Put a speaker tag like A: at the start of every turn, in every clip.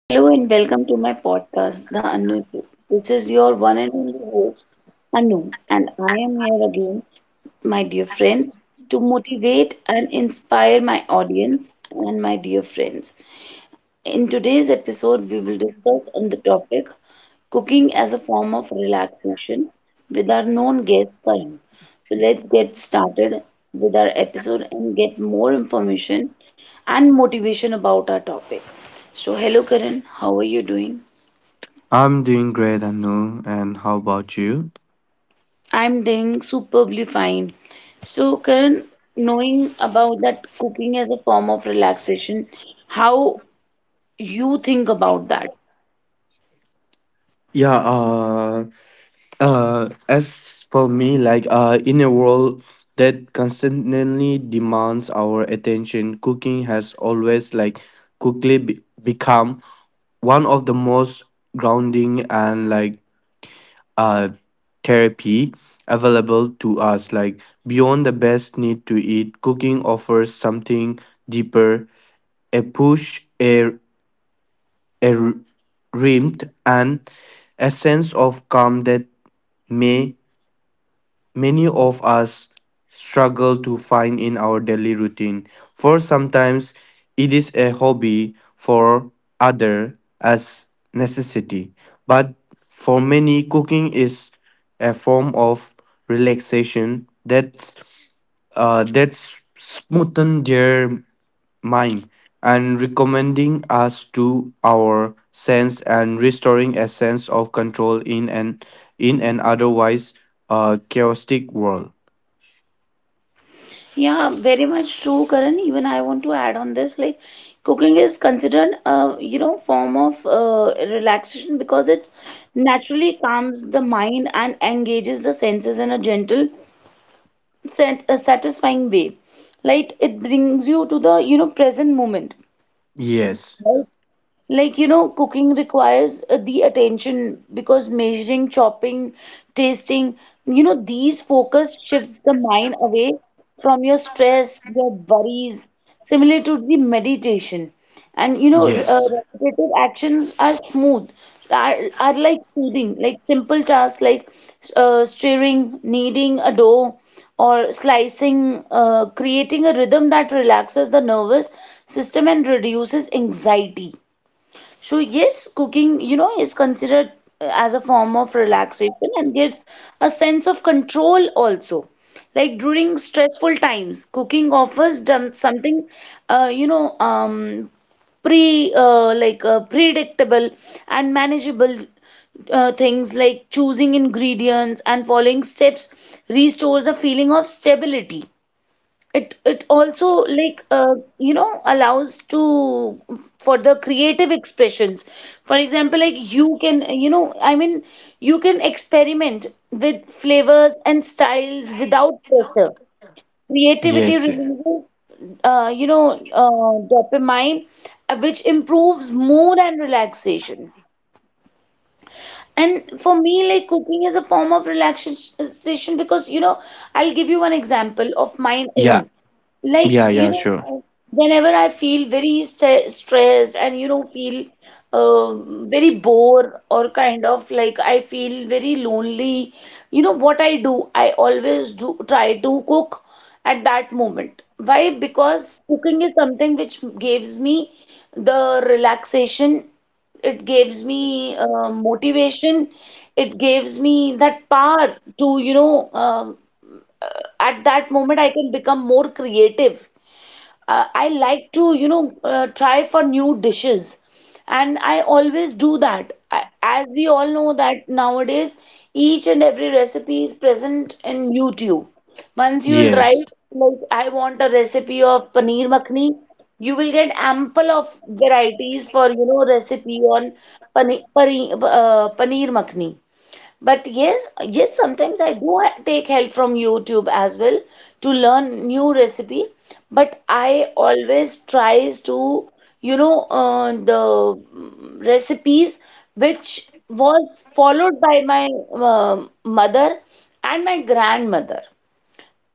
A: Hello and welcome to my podcast, The Anu Show. This is your one and only host, Anu, and I am here again, my dear friends, to motivate and inspire my audience and my dear friends. In today's episode, we will discuss on the topic cooking as a form of relaxation with our known guest Karan. So let's get started with our episode and get more information and motivation about our topic. So hello Karan, how are you doing?
B: I'm doing great, Anu. And how about you?
A: I'm doing superbly fine. So Karan, knowing about that cooking as a form of relaxation, how you think about that?
B: Yeah. Uh. As for me, in a world that constantly demands our attention, cooking has always quickly become one of the most grounding and uh therapy available to us. Like beyond the best need to eat, cooking offers something deeper. A push, a A warmth and a sense of calm that may many of us struggle to find in our daily routine. For sometimes it is a hobby, for other as necessity, but for many, cooking is a form of relaxation that's smoothen their mind and recommending us to our sense and restoring a sense of control in an otherwise chaotic world.
A: Yeah, very much true, Karan. Even I want to add on this, like cooking is considered a form of relaxation because it naturally calms the mind and engages the senses in a gentle, satisfying way. Like it brings you to the present moment.
B: Yes.
A: Right. Like, you know, cooking requires the attention because measuring, chopping, tasting, you know, these focus shifts the mind away from your stress, your worries, similar to the meditation. And, you know,
B: Yes.
A: repetitive actions are smooth, are like soothing, like simple tasks like stirring, kneading a dough, or slicing, creating a rhythm that relaxes the nervous system and reduces anxiety. So, yes, cooking, you know, is considered as a form of relaxation and gives a sense of control also. Like during stressful times, cooking offers them something, you know, predictable and manageable things like choosing ingredients and following steps restores a feeling of stability. It also
B: Yes.
A: like you know allows to for the creative expressions. For example, like you can you can experiment with flavors and styles without pressure. Creativity
B: Yes.
A: releases you know dopamine, which improves mood and relaxation. And for me, like cooking is a form of relaxation because, you know, I'll give you one example of my
B: Yeah,
A: own. Like,
B: yeah,
A: you
B: yeah, sure.
A: know, whenever I feel very st stressed and, you know, feel very bored or kind of like I feel very lonely, you know, what I do, I always do try to cook at that moment. Why? Because cooking is something which gives me the relaxation. It gives me motivation. It gives me that power to, you know, uh, at that moment I can become more creative. I like to, you know, try for new dishes. And I always do that. I, as we all know that nowadays, each and every recipe is present in YouTube. Once you will write,
B: Yes.
A: like, I want a recipe of paneer makhni, you will get ample of varieties for, you know, recipe on paneer makhni. But yes, yes, sometimes I do take help from YouTube as well to learn new recipe. But I always tries to, you know, recipes which was followed by my mother and my grandmother,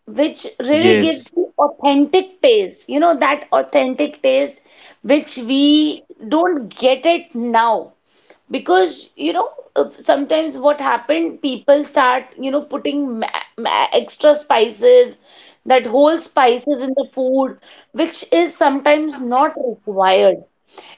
A: which really gives
B: Yes.
A: the authentic taste. You know, that authentic taste which we don't get it now. Because, you know, sometimes what happened, people start, you know, putting ma ma extra spices, that whole spices in the food, which is sometimes not required.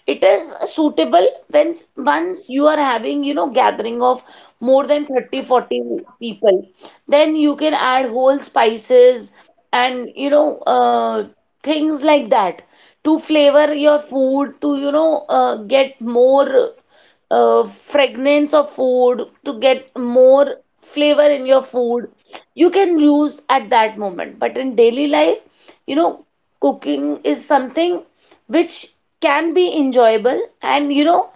A: It is suitable when once you are having, you know, gathering of more than 30 or 40 people, then you can add whole spices and, you know, things like that to flavor your food, to, you know, get more fragrance of food, to get more flavor in your food. You can use at that moment, but in daily life you know cooking is something which can be enjoyable and, you know,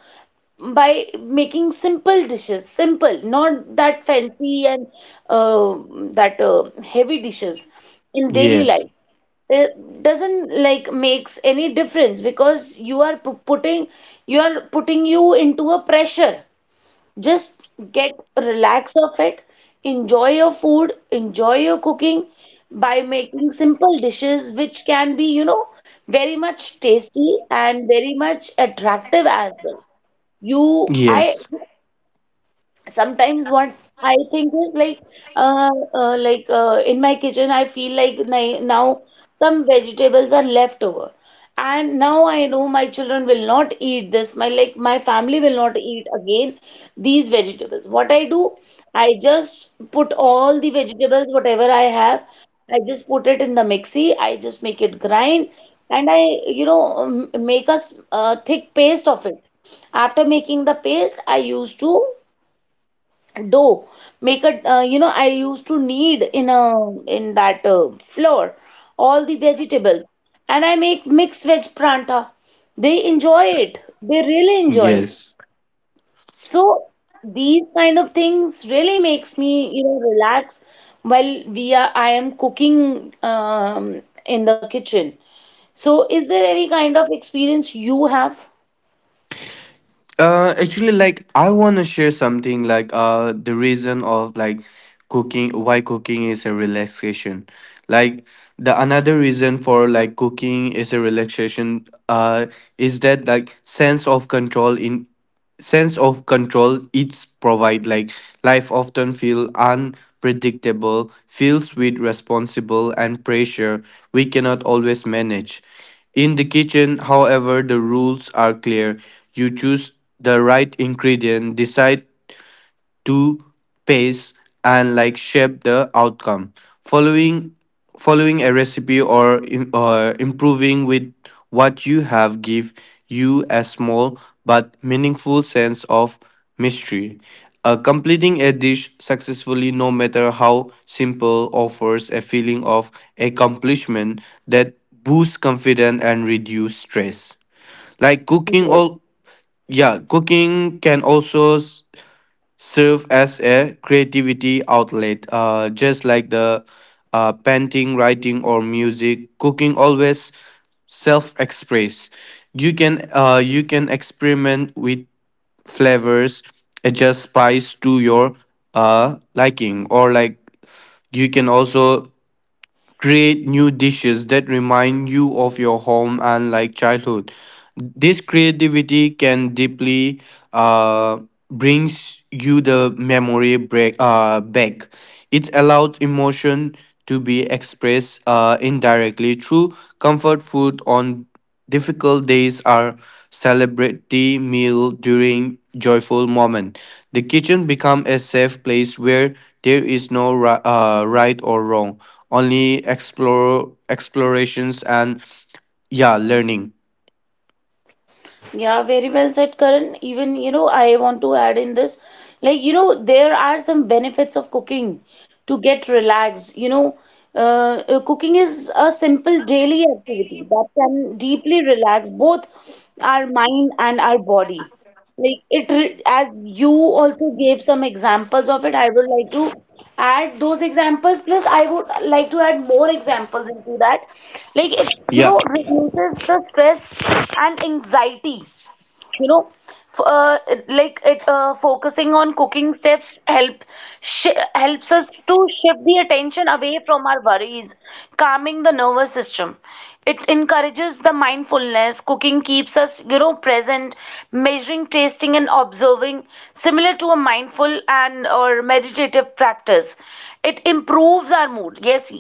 A: by making simple dishes, simple, not that fancy and uh, that heavy dishes in daily
B: Yes.
A: life. It doesn't like makes any difference because you are putting, you are putting you into a pressure. Just get relax of it, enjoy your food, enjoy your cooking by making simple dishes which can be, you know, very much tasty and very much attractive as well. You I
B: Yes.
A: Sometimes what I think is like, in my kitchen I feel like now some vegetables are left over and now I know my children will not eat this, my like my family will not eat again these vegetables. What I do, I just put all the vegetables whatever I have, I just put it in the mixie, I just make it grind, and I, you know, make a thick paste of it. After making the paste, I used to dough make a you know, I used to knead in a in that flour all the vegetables, and I make mixed veg pranta. They enjoy it, they really enjoy it.
B: yes
A: So these kind of things really makes me, you know, relax while we are I am cooking in the kitchen. So, is there any kind of experience you have?
B: uh Actually, like I want to share something, the reason of cooking, why cooking is a relaxation. Like the another reason for cooking is a relaxation is that, like, sense of control. In sense of control it's provide. Like, life often feel unpredictable, feels with responsible and pressure we cannot always manage. In the kitchen, however, the rules are clear. You choose the right ingredient, decide to pace, and like shape the outcome. Following following a recipe or improving with what you have give you a small but meaningful sense of mystery. Completing a dish successfully, no matter how simple, offers a feeling of accomplishment that boosts confidence and reduce stress. Like, cooking
A: Yes.
B: all. Yeah, cooking can also serve as a creativity outlet, just like the painting, writing, or music. Cooking always self-express. You can experiment with flavors, adjust spice to your liking, or, like, you can also create new dishes that remind you of your home and, like, childhood. This creativity can deeply uh, brings you the memory break, back. It allows emotion to be expressed indirectly through comfort food on difficult days or celebrity meal during joyful moment. The kitchen become a safe place where there is no right or wrong, only explore explorations and, yeah, learning.
A: Yeah, very well said, Karan. Even, you know, I want to add in this, like, you know, there are some benefits of cooking to get relaxed. You know, cooking is a simple daily activity that can deeply relax both our mind and our body. Like it, as you also gave some examples of it, I would like to add those examples. Plus, I would like to add more examples into that. Like it, you
B: Yeah.
A: know, reduces the stress and anxiety, you know, f- uh, like it focusing on cooking steps helps us to shift the attention away from our worries, calming the nervous system. It encourages the mindfulness. Cooking keeps us, you know, present, measuring, tasting, and observing, similar to a mindful and or meditative practice. It improves our mood. Yes,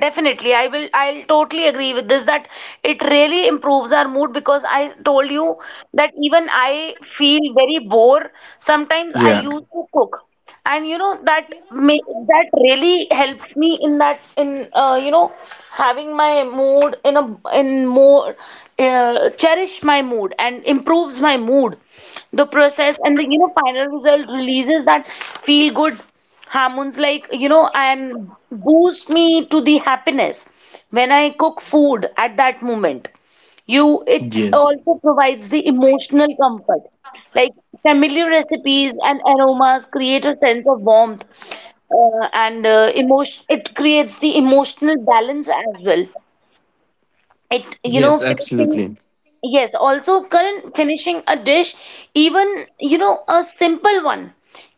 A: definitely. I'll totally agree with this that it really improves our mood because I told you that even I feel very bored sometimes, I
B: Yeah.
A: used to cook, and you know that that really helps me in that, in you know, having my mood in a in more cherish my mood and improves my mood. The process and the, you know, final result releases that feel good hormones, like, you know, and boost me to the happiness when I cook food at that moment. You It's
B: Yes.
A: also provides the emotional comfort, like familiar recipes and aromas create a sense of warmth and emotion. It creates the emotional balance as well. It, you know,
B: Yes,
A: finishing.
B: absolutely.
A: Yes, also current finishing a dish, even, you know, a simple one,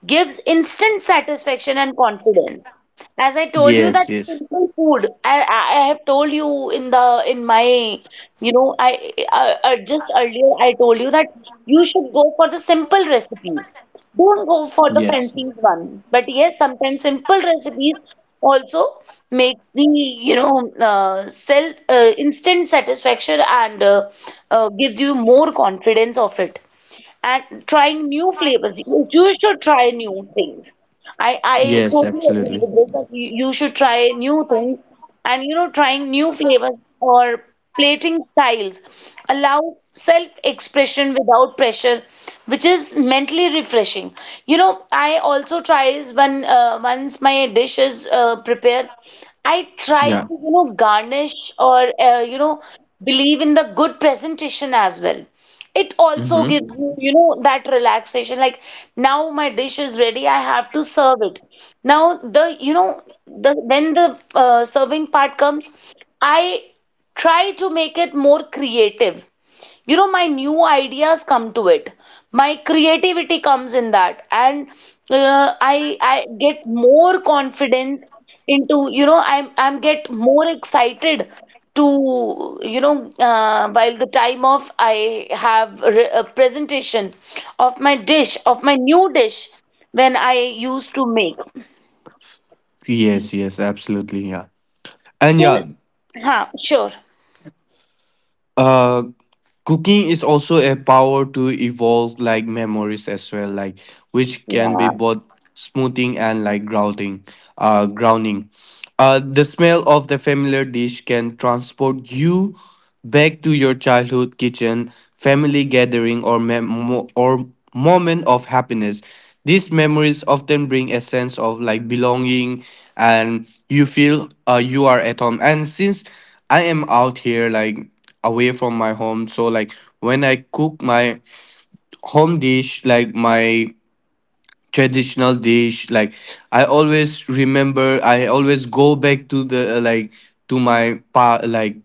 A: gives instant satisfaction and confidence. As I told you that
B: Yes. Yes.
A: simple food, I have told you in the in my you know, I just earlier I told you that you should go for the simple recipes. Don't go for the
B: Yes.
A: fancy one. But yes, sometimes simple recipes also makes the, you know, self instant satisfaction and gives you more confidence of it. And trying new flavors, you should try new things. I
B: Yes,
A: totally agree
B: absolutely.
A: with this, that you should try new things, and you know, trying new flavors or plating styles allows self-expression without pressure, which is mentally refreshing. You know, I also tries when once my dish is prepared, I try
B: Yeah.
A: to, you know, garnish or, believe in the good presentation as well. It also
B: Mm-hmm.
A: gives you, you know, that relaxation. Like now my dish is ready, I have to serve it. Now the, you know, the when the serving part comes, I try to make it more creative. You know, my new ideas come to it, my creativity comes in that, and I get more confidence into, you know, I'm get more excited to, you know, while the time of a presentation of my dish, of my new dish, when I used to make.
B: Yes. Yes, absolutely. Yeah. and
A: Well,
B: yeah
A: sure.
B: uh cooking is also a power to evolve, like, memories as well, like, which can be
A: Yeah.
B: both smoothing and, like, grounding. Grounding. The smell of the familiar dish can transport you back to your childhood kitchen, family gathering, or moment of happiness. These memories often bring a sense of, like, belonging and you feel, you are at home. And since I am out here, like, away from my home, so, like, when I cook my home dish, like my traditional dish, like, I always go back to the, like, to my pa like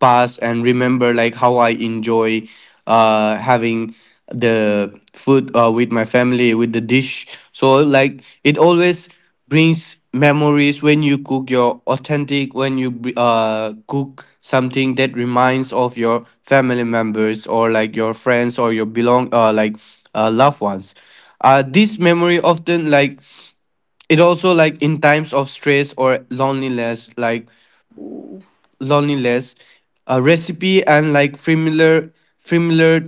B: past, and remember, like, how I enjoy having the food with my family, with the dish. So, like, it always brings memories when you cook your authentic, when you cook something that reminds of your family members or, like, your friends or your belong like loved ones. This memory often, like, it also, like, in times of stress or loneliness, loneliness, a recipe and, like, familiar familiar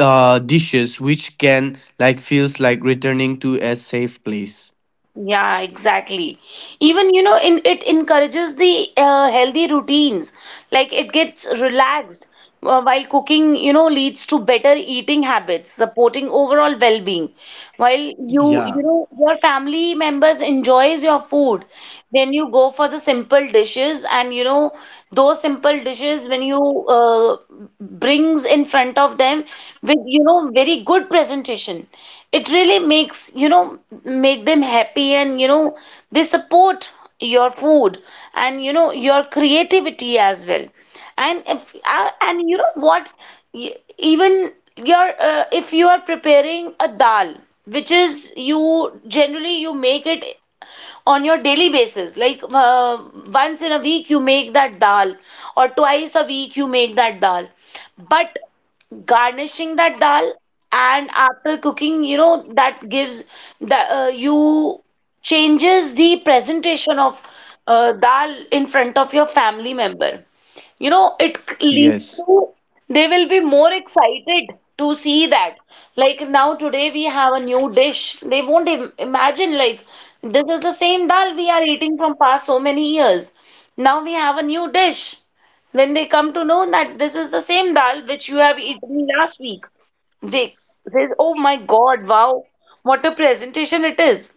B: uh, dishes which can, like, feels like returning to a safe place.
A: Yeah, exactly. Even, you know, in, it encourages the healthy routines. Like it gets relaxed while cooking, you know, leads to better eating habits, supporting overall well-being. While you,
B: Yeah.
A: your family members enjoys your food, then you go for the simple dishes and, those simple dishes when you brings in front of them with, you know, very good presentation. It really makes, you know, make them happy, and you know they support your food and, you know, your creativity as well. And if, uh, and you know what? Even your if you are preparing a dal which is, you generally you make it on your daily basis, like once in a week you make that dal, or twice a week you make that dal, but garnishing that dal and after cooking, you know that gives the you changes the presentation of dal in front of your family member. You know, it leads
B: Yes.
A: to, they will be more excited to see that, like, now today we have a new dish. They won't imagine, like, this is the same dal we are eating from past so many years. Now we have a new dish. When they come to know that this is the same dal which you have eaten last week, they says, oh my god, wow, what a presentation it is.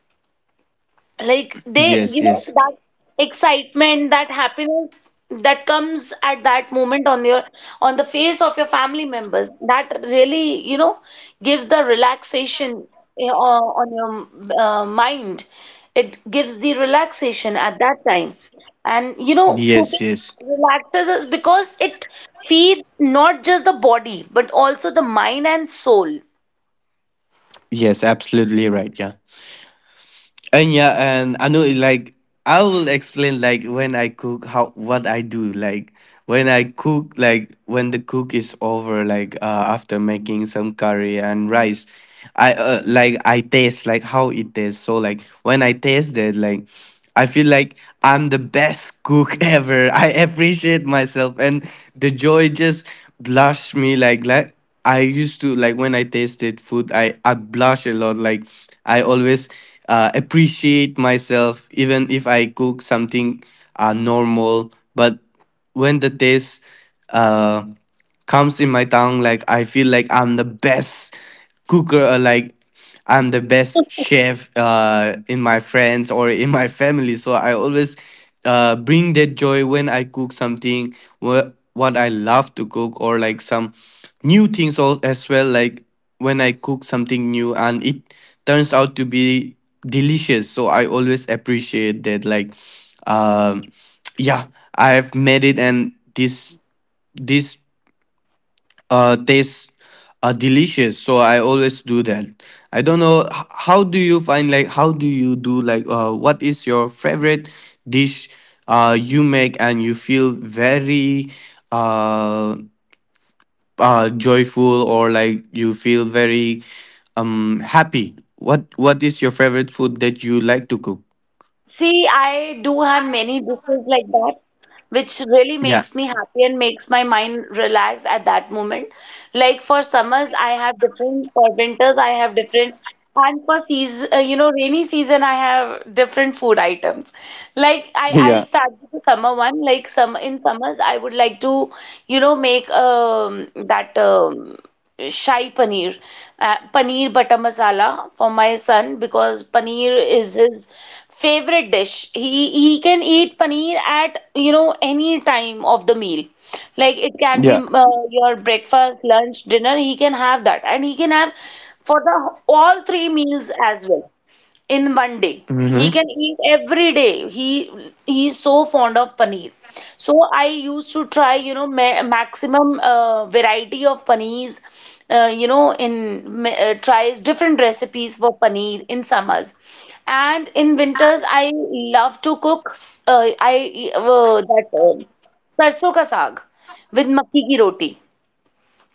A: Like they,
B: Yes. Yes.
A: that excitement, that happiness that comes at that moment on your, on the face of your family members, that really, you know, gives the relaxation on your mind. It gives the relaxation at that time. And, you know,
B: Yes.
A: cooking
B: Yes.
A: relaxes us because it feeds not just the body, but also the mind and soul.
B: Yes, absolutely, right. Yeah. And yeah, and I know, like, I will explain, like, when I cook, how, what I do. Like, when I cook, like, when the cook is over, like, after making some curry and rice, I I taste, like, how it tastes. So, like, when I taste it, like, I feel like I'm the best cook ever. I appreciate myself, and the joy just blushed me. Like, I used to, like, when I tasted food, I blush a lot. Like, I always appreciate myself, even if I cook something normal. But when the taste uh comes in my tongue, like, I feel like I'm the best cooker, or, like, I'm the best chef in my friends or in my family. So I always bring that joy when I cook something what I love to cook, or, like, some new things as well. Like, when I cook something new and it turns out to be delicious, so I always appreciate that. Like, um yeah, I have made it, and this tastes delicious. So I always do that. I don't know how do you find, like, how do you do, like, what is your favorite dish you make and you feel very uh joyful, or, like, you feel very happy. What is your favorite food that you like to cook?
A: See, I do have many dishes like that, which really
B: Yeah.
A: makes me happy and makes my mind relax at that moment. Like for summers, I have different, for winters, I have different, and for season, you know, rainy season, I have different food items. Like I'll
B: Yeah.
A: start with the summer one. Like some in summers, I would like to, you know, make that Shahi paneer, paneer butter masala for my son, because paneer is his favorite dish. He can eat paneer at, you know, any time of the meal. Like it can be
B: Yeah.
A: uh, your breakfast, lunch, dinner. He can have that, and he can have for the all three meals as well in one day. He
B: Mm-hmm.
A: can eat every day. He is so fond of paneer. So I used to try, you know, ma maximum variety of paneers. You know, tries different recipes for paneer in summers, and in winters I love to cook. S- I that Sarson ka saag with makki ki roti.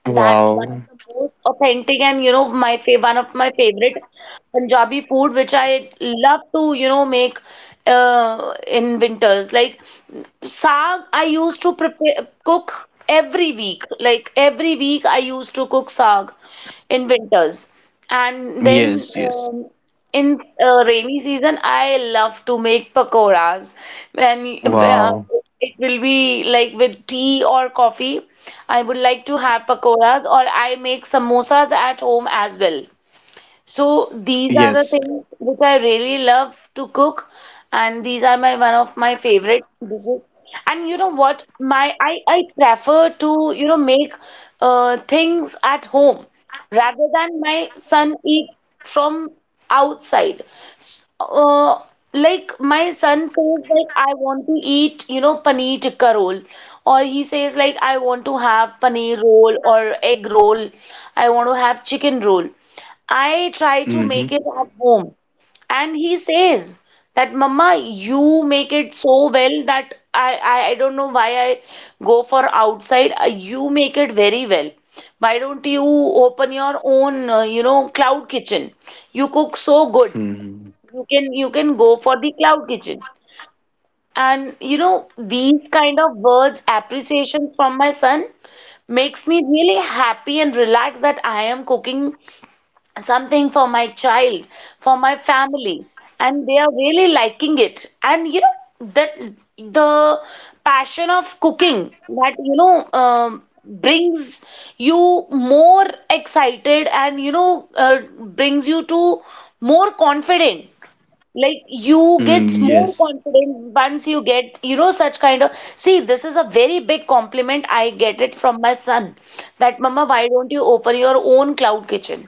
A: That's one of
B: Wow.
A: the most authentic and, you know, my fa one of my favorite Punjabi food which I love to, you know, make in winters. Like saag I used to prepare cook every week. Like every week I used to cook saag in winters. And then
B: Yes. Yes.
A: in rainy season, I love to make pakoras. When
B: Wow.
A: it will be like with tea or coffee, I would like to have pakoras, or I make samosas at home as well. So these are the
B: Yes.
A: things which I really love to cook, and these are my one of my favorite dishes. And you know what? My I prefer to, you know, make things at home rather than my son eats from outside. S- Uh, like my son says, like, I want to eat, you know, paneer tikka roll, or he says, like, I want to have paneer roll or egg roll. I want to have chicken roll. I try to make
B: Mm-hmm.
A: it at home. And he says that, Mama, you make it so well that I don't know why I go for outside. You make it very well. Why don't you open your own, you know, cloud kitchen? You cook so good.
B: Mm-hmm.
A: You can go for the cloud kitchen. And you know, these kind of words, appreciations from my son makes me really happy and relaxed that I am cooking something for my child, for my family, and they are really liking it. And you know that the passion of cooking that, you know, brings you more excited, and you know, brings you to more confident. Like you gets
B: Mm,
A: more
B: yes.
A: confident once you get, you know, such kind of, see, this is a very big compliment I get it from my son, that mama, why don't you open your own cloud kitchen?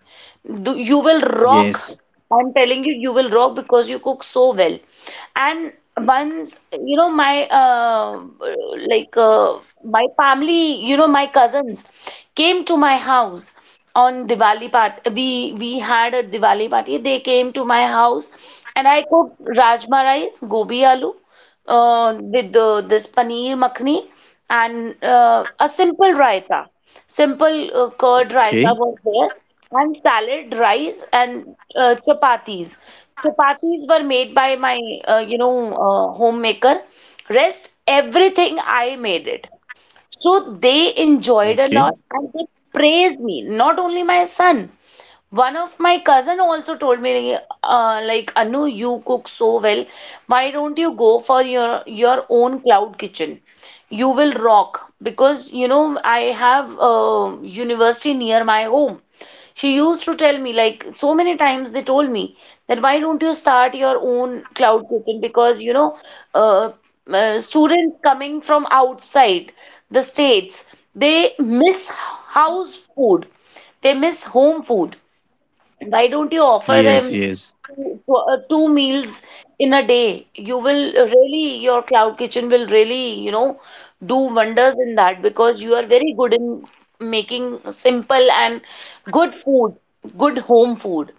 A: Do, you will rock.
B: Yes.
A: I'm telling you, you will rock because you cook so well. And once, you know, my my family, you know, my cousins came to my house on Diwali part we had a Diwali party. They came to my house, and I cooked rajma rice, gobi aloo, with the, this paneer makhni, and a simple raita. Simple curd raita
B: Okay.
A: was there, and salad, rice, and chapatis. Chapatis were made by my you know, homemaker. Rest everything I made it. So they enjoyed a lot,
B: Okay.
A: and they praised me, not only my son. One of my cousin also told me, like, Anu, you cook so well. Why don't you go for your own cloud kitchen? You will rock, because you know I have a university near my home. She used to tell me, like, so many times they told me, that why don't you start your own cloud kitchen, because, you know, uh, students coming from outside the states, they miss house food, they miss home food. Why don't you offer them
B: Yes. Yes.
A: two meals in a day? You will really, your cloud kitchen will really, you know, do wonders in that, because you are very good in making simple and good food, good home food.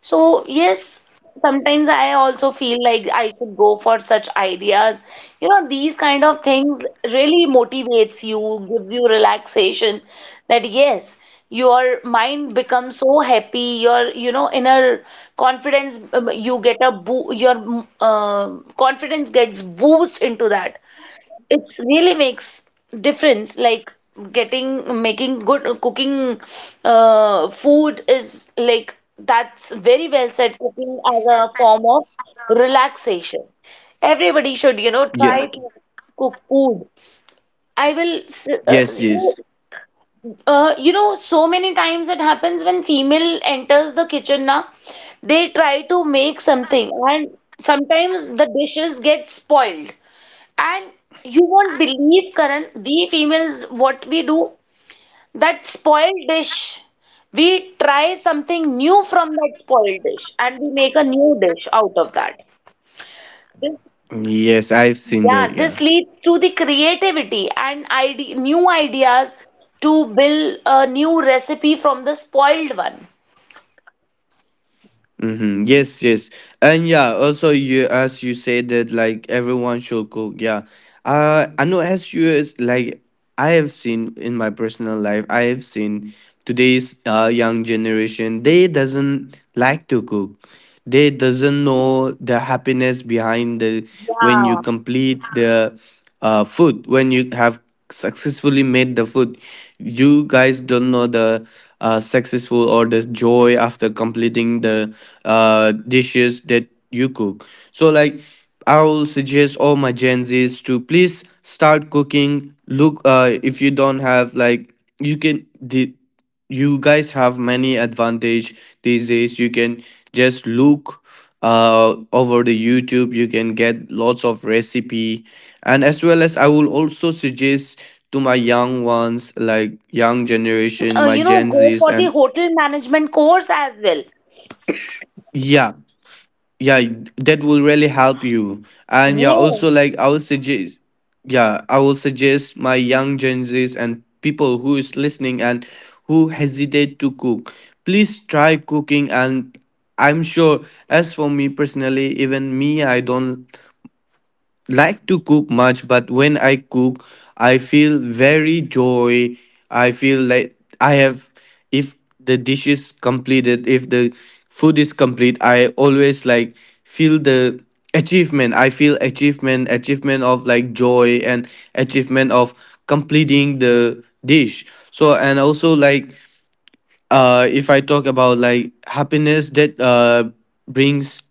A: So, yes, sometimes I also feel like I should go for such ideas. You know, these kind of things really motivates you, gives you relaxation, that yes, your mind becomes so happy, your, you know, inner confidence, you get a your confidence gets boost into that. It's really makes difference, like getting making good cooking food is like, that's very well said, cooking as a form of relaxation. Everybody should, you know,
B: Yeah.
A: try to cook food. I will, s-
B: Yes.
A: you know,
B: Yes.
A: You know, so many times it happens when female enters the kitchen now, they try to make something, and sometimes the dishes get spoiled. And you won't believe, Karan, we females, what we do, that spoiled dish, we try something new from that spoiled dish, and we make a new dish out of that. This,
B: Yes. I've seen that.
A: yeah,
B: Yeah.
A: this leads to the creativity and ide new ideas to build a new recipe from the spoiled one.
B: Mm-hmm. Yes, yes, and yeah. Also, you, as you said that, like, everyone should cook. Yeah, I know, as you is like, I have seen in my personal life. I have seen today's young generation. They doesn't like to cook. They doesn't know the happiness behind the when you
A: Yeah.
B: complete the food, when you have successfully made the food. You guys don't know the successful or the joy after completing the dishes that you cook. So, like, I will suggest all my gen Z's to please start cooking. Look, if you don't have, like, you can the, you guys
A: Yes,
B: have many
A: exactly, Karan. Even
B: advantage
A: I
B: these days. You
A: also
B: can
A: add
B: just
A: on this that,
B: look
A: you know,
B: over the
A: new
B: YouTube, you can
A: generation
B: get
A: should
B: lots
A: also
B: of
A: go for it.
B: recipe.
A: Now,
B: And as
A: though
B: well as, I
A: we
B: will
A: have
B: also
A: these
B: suggest
A: kind of
B: to my
A: special
B: young
A: courses for
B: ones,
A: cooking.
B: like young
A: They can,
B: generation, my
A: you know,
B: gen
A: go
B: Z's
A: for the
B: and
A: hotel management course as well.
B: yeah. Yeah, that will really help you. And yeah,
A: Yes.
B: also, like, I will suggest, yeah, I will suggest my young gen Z's and people who is listening and who hesitate to cook, please try cooking. And I'm sure, as for me personally, even me, I don't like to cook much, but when I cook, I feel very joy. I feel like I have, if the dish is completed, if the food is complete, I always, like, feel the achievement. I feel achievement, achievement of, like, joy and achievement of completing the dish. So, and also, like, if I talk about, like, happiness that, brings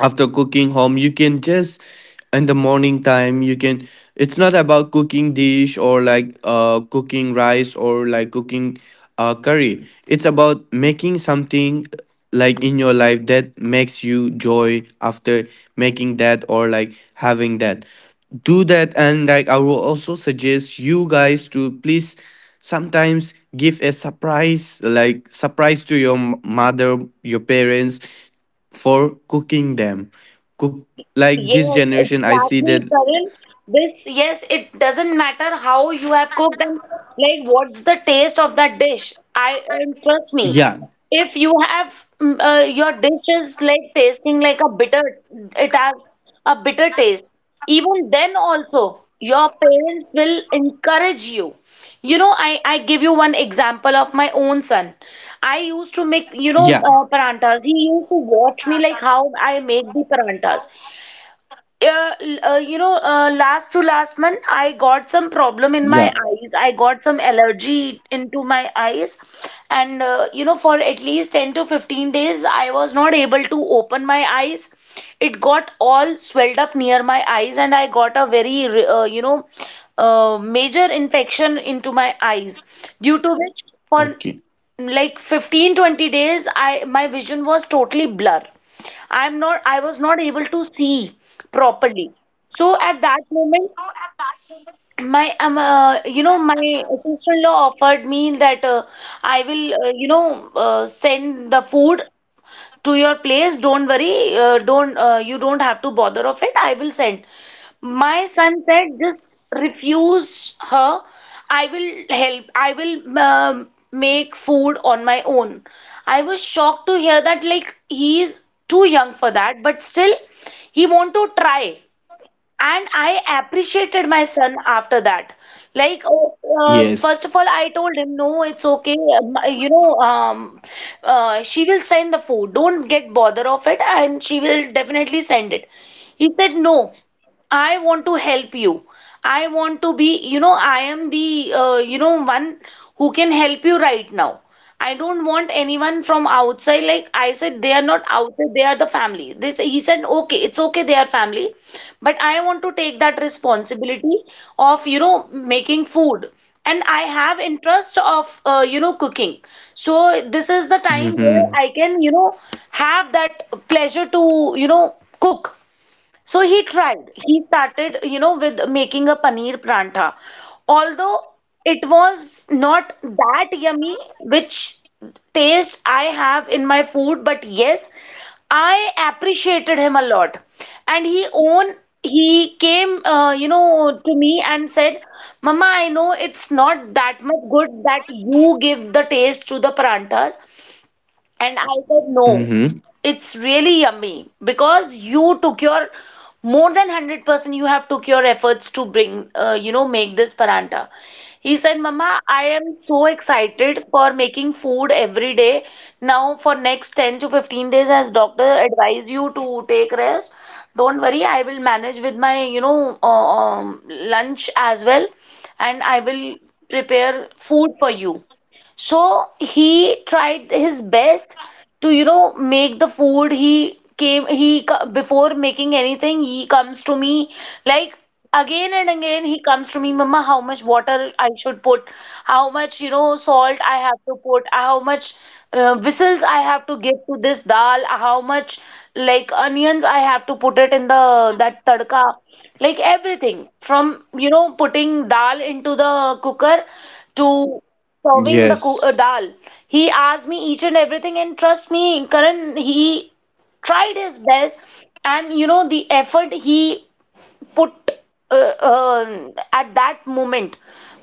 B: after cooking home, you can just in the morning time you can, it's not about cooking dish, or, like, cooking rice, or, like, cooking curry. It's about making something like, in your life that makes you joy after making that, or, like, having that. Do that. And, like, I will also suggest you guys to please sometimes give a surprise, like surprise to your mother, your parents, for cooking them, cook, like, this
A: Yes,
B: generation I see
A: exactly,
B: that.
A: Karan. Yes, it doesn't matter how you have cooked and like what's the taste of that dish. I and trust me,
B: Yeah.
A: if you have your dish is like tasting like a bitter, it has a bitter taste. Even then also, your parents will encourage you. You know, I give you one example of my own son. I used to make,
B: Yeah.
A: you know, parantas. He used to watch me like how I make the parantas. You know, last to last month, I got some problem in my
B: Yeah.
A: eyes. I got some allergy into my eyes. And, you know, for at least 10 to 15 days, I was not able to open my eyes. It got all swelled up near my eyes, and I got a very, you know, major infection into my eyes, due to which, for
B: Okay.
A: like 15 to 20 days, I my vision was totally blur. I was not able to see properly. So at that moment, my you know, my sister-in-law offered me that, I will, you know, send the food to your place, don't worry. Don't You don't have to bother of it, I will send. My son said, just refuse her. I will help I will, um, make food on my own. I was shocked to hear that, like, he is too young for that, but still he want to try. And I appreciated my son after that. Like, oh,
B: Yes.
A: first of all, I told him, no, it's okay. You know, she will send the food. Don't get bother of it, and she will definitely send it. He said, no, I want to help you. I want to be, you know, I am the, you know, one who can help you right now. I don't want anyone from outside. Like I said, they are not outside, they are the family. This he said, okay, it's okay, they are family, but I want to take that responsibility of, you know, making food. And I have interest of, you know, cooking. So this is the time where
B: Mm-hmm.
A: I can, you know, have that pleasure to, you know, cook. So he tried. He started, you know, with making a paneer prantha. Although it was not that yummy, which taste I have in my food, but yes, I appreciated him a lot. And he own He came, you know, to me, and said, "Mama, I know it's not that much good that you give the taste to the paranthas." And I said, no,
B: Mm-hmm.
A: it's really yummy, because you took your more than 100% you have took your efforts to make this paranta. He said, Mama, I am so excited for making food every day. Now for next 10 to 15 days, as doctor advise you to take rest, don't worry, I will manage with my, you know, lunch as well, and I will prepare food for you. So he tried his best to, you know, make the food. He came, he, co- Before making anything, he comes to me, like, again and again. He comes to me, Mama, how much water I should put, how much, you know, salt I have to put, how much whistles I have to give to this dal, how much like onions I have to put it in the that tadka, like everything from, you know, putting dal into the cooker to
B: Yes.
A: dal. He asked me each and everything, and trust me, Karan, he tried his best, and you know the effort he put at that moment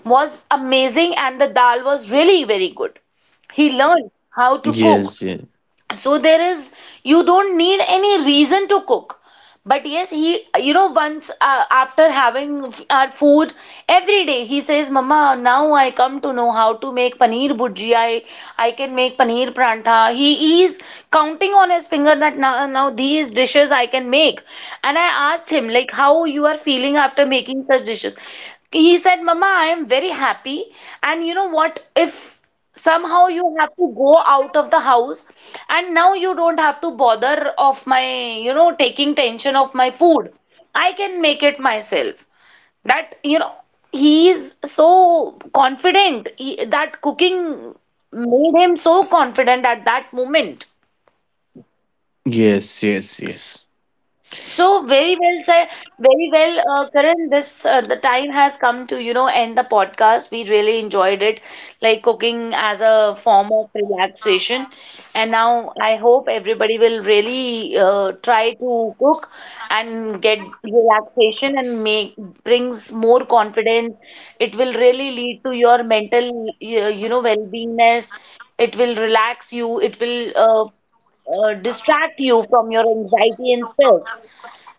A: was amazing, and the dal was really very good. He learned how to cook.
B: Yes. Yes.
A: So there is, you don't need any reason to cook. But yes, he, you know, once, after having our food every day, he says, mama, now I come to know how to make paneer bhurji. I can make paneer prantha. He is counting on his finger that, now, now these dishes I can make. And I asked him, like, how you are feeling after making such dishes. He said, mama, I am very happy. And you know what, if somehow you have to go out of the house, and now you don't have to bother of my, you know, taking tension of my food, I can make it myself. That, you know, he is so confident, that cooking made him so confident at that moment.
B: Yes. Yes. Yes.
A: So very well said, very well, Karan. This the time has come to, you know, end the podcast. We really enjoyed it, like, cooking as a form of relaxation. And now I hope everybody will really try to cook and get relaxation, and make brings more confidence. It will really lead to your mental, you know, well-beingness. It will relax you. It will distract you from your anxiety and stress.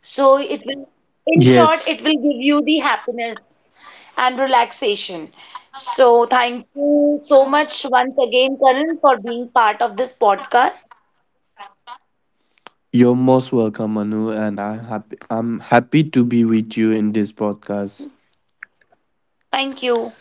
A: So it will, in short,
B: Yes,
A: it will give you the happiness and relaxation. So thank you so much once again, Karan, for being part of this podcast.
B: you're most welcome, Manu, and I'm happy. I'm happy to be with you in this podcast.
A: Thank you.